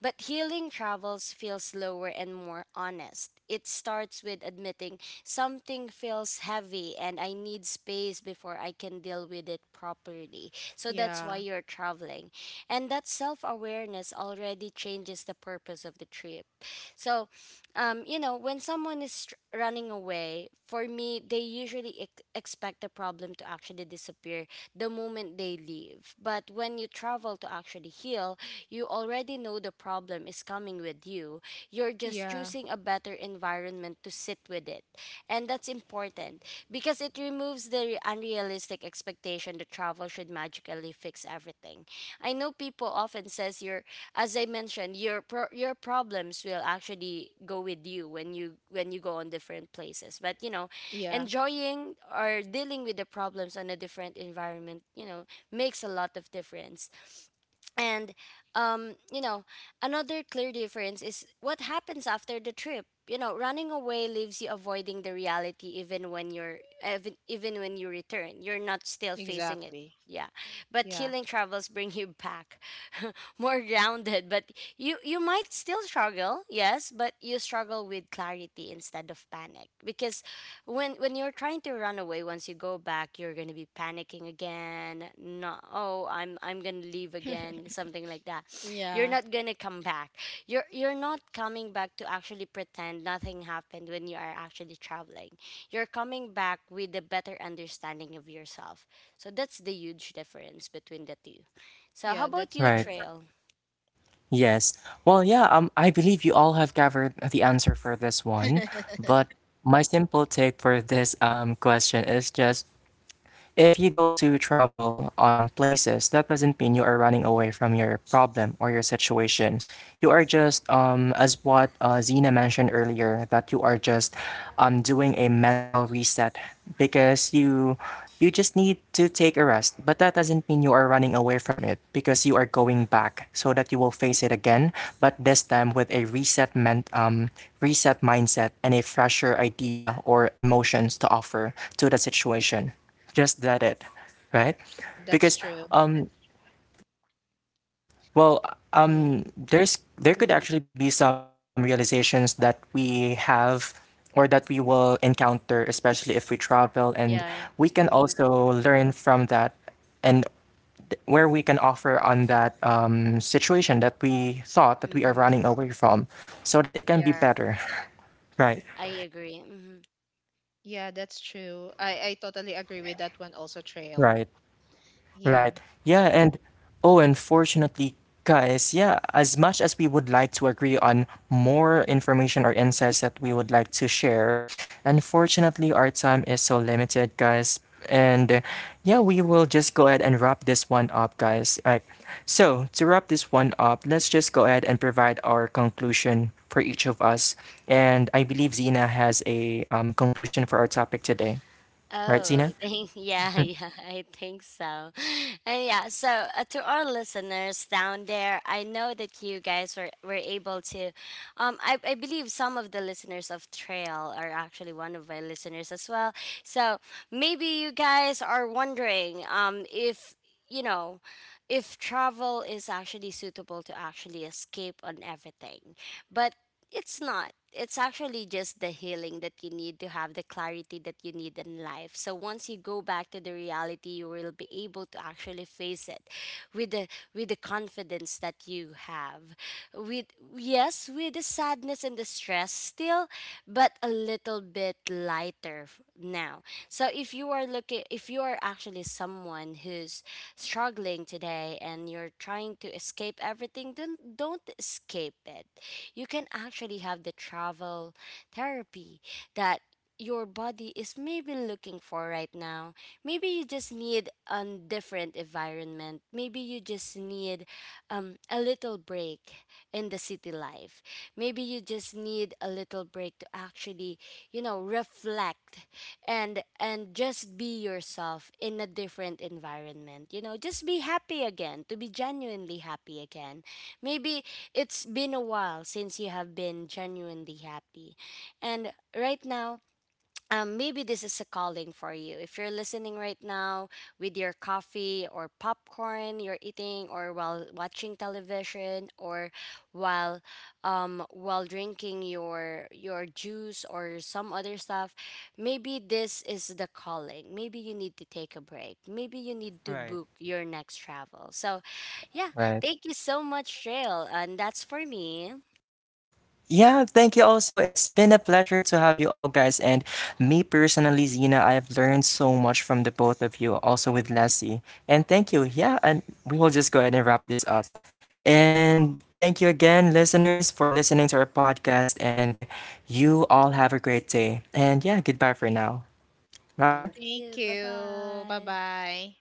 But healing travels feels slower and more honest. It starts with admitting something feels heavy and I need space before I can deal with it properly, so that's why Yeah. you're traveling. And that self-awareness already changes the purpose of the trip. So you know, when someone is running away, for me, they usually expect the problem to actually disappear the moment they leave. But when you travel to actually heal, you already know the problem is coming with you. You're just Yeah. choosing a better environment to sit with it. And that's important because it removes the unrealistic expectation that travel should magically fix everything. I know people often says you're as I mentioned, your your problems will actually go with you when you go on different places. But you know, Yeah, enjoying or dealing with the problems on a different environment, you know, makes a lot of difference. And you know, another clear difference is what happens after the trip. You know, running away leaves you avoiding the reality even when you're even when you return. You're not still facing it. exactly. Yeah. But Yeah. healing travels bring you back more grounded, but you might still struggle, yes, but you struggle with clarity instead of panic because when you're trying to run away, once you go back, you're going to be panicking again. No, oh, I'm going to leave again, something like that. You're Yeah. not going to come back. You're not coming back to actually pretend nothing happened. When you are actually traveling, you're coming back with a better understanding of yourself. So that's the huge difference between the two. So how Yeah, about that's you, right. true. Trail? Yes. Well, yeah, I believe you all have gathered the answer for this one, but my simple take for this question is just, if you go to travel on places, that doesn't mean you are running away from your problem or your situation. You are just, as what Zena mentioned earlier, that you are just doing a mental reset because you just need to take a rest. But that doesn't mean you are running away from it, because you are going back so that you will face it again, but this time with a reset mindset and a fresher idea or emotions to offer to the situation, just that it, right? That's Because, true. um, well, Yeah. um, there could Mm-hmm. actually be some realizations that we have or that we will encounter, especially if we travel, and Yeah. we can Mm-hmm. also learn from that, and where we can offer on that situation that we thought that we are Mm-hmm. running away from, so that it can be Yeah. better. Right, I agree. Mm-hmm. Yeah, that's true. I totally agree with that one also, Trail. right. Yeah. Right. Yeah, and oh, unfortunately, guys, yeah, as much as we would like to agree on more information or insights that we would like to share, unfortunately, our time is so limited, guys. And yeah, we will just go ahead and wrap this one up, guys. Right. So, to wrap this one up, let's just go ahead and provide our conclusion for each of us. And I believe Zena has a conclusion for our topic today. Right, Oh, Zena? thank yeah, yeah, I think so. And yeah, so to our listeners down there, I know that you guys were able to I believe some of the listeners of Trail are actually one of my listeners as well. So maybe you guys are wondering if you know if travel is actually suitable to actually escape on everything. But it's not. It's actually just the healing that you need to have the clarity that you need in life. So once you go back to the reality, you will be able to actually face it with the confidence that you have. With yes, with the sadness and the stress still, but a little bit lighter now. So if you are looking if you are actually someone who's struggling today and you're trying to escape everything, don't escape it. You can actually have the travel therapy that your body is maybe looking for right now. Maybe you just need a different environment. Maybe you just need a little break in the city life. Maybe you just need a little break to actually, you know, reflect and just be yourself in a different environment. You know, just be happy again, to be genuinely happy again. Maybe it's been a while since you have been genuinely happy. And right now, maybe this is a calling for you. If you're listening right now with your coffee or popcorn you're eating, or while watching television, or while while drinking your juice or some other stuff, maybe this is the calling. Maybe you need to take a break. Maybe you need to Right. book your next travel. So, yeah, Right. thank you so much, Trail, and that's for me. Yeah, thank you also. It's been a pleasure to have you all guys. And me personally, Zena, I have learned so much from the both of you, also with Leslie. And thank you. Yeah, and we will just go ahead and wrap this up. And thank you again, listeners, for listening to our podcast. And you all have a great day. And yeah, goodbye for now. Bye. Thank Thank you. Bye you. Bye bye. bye.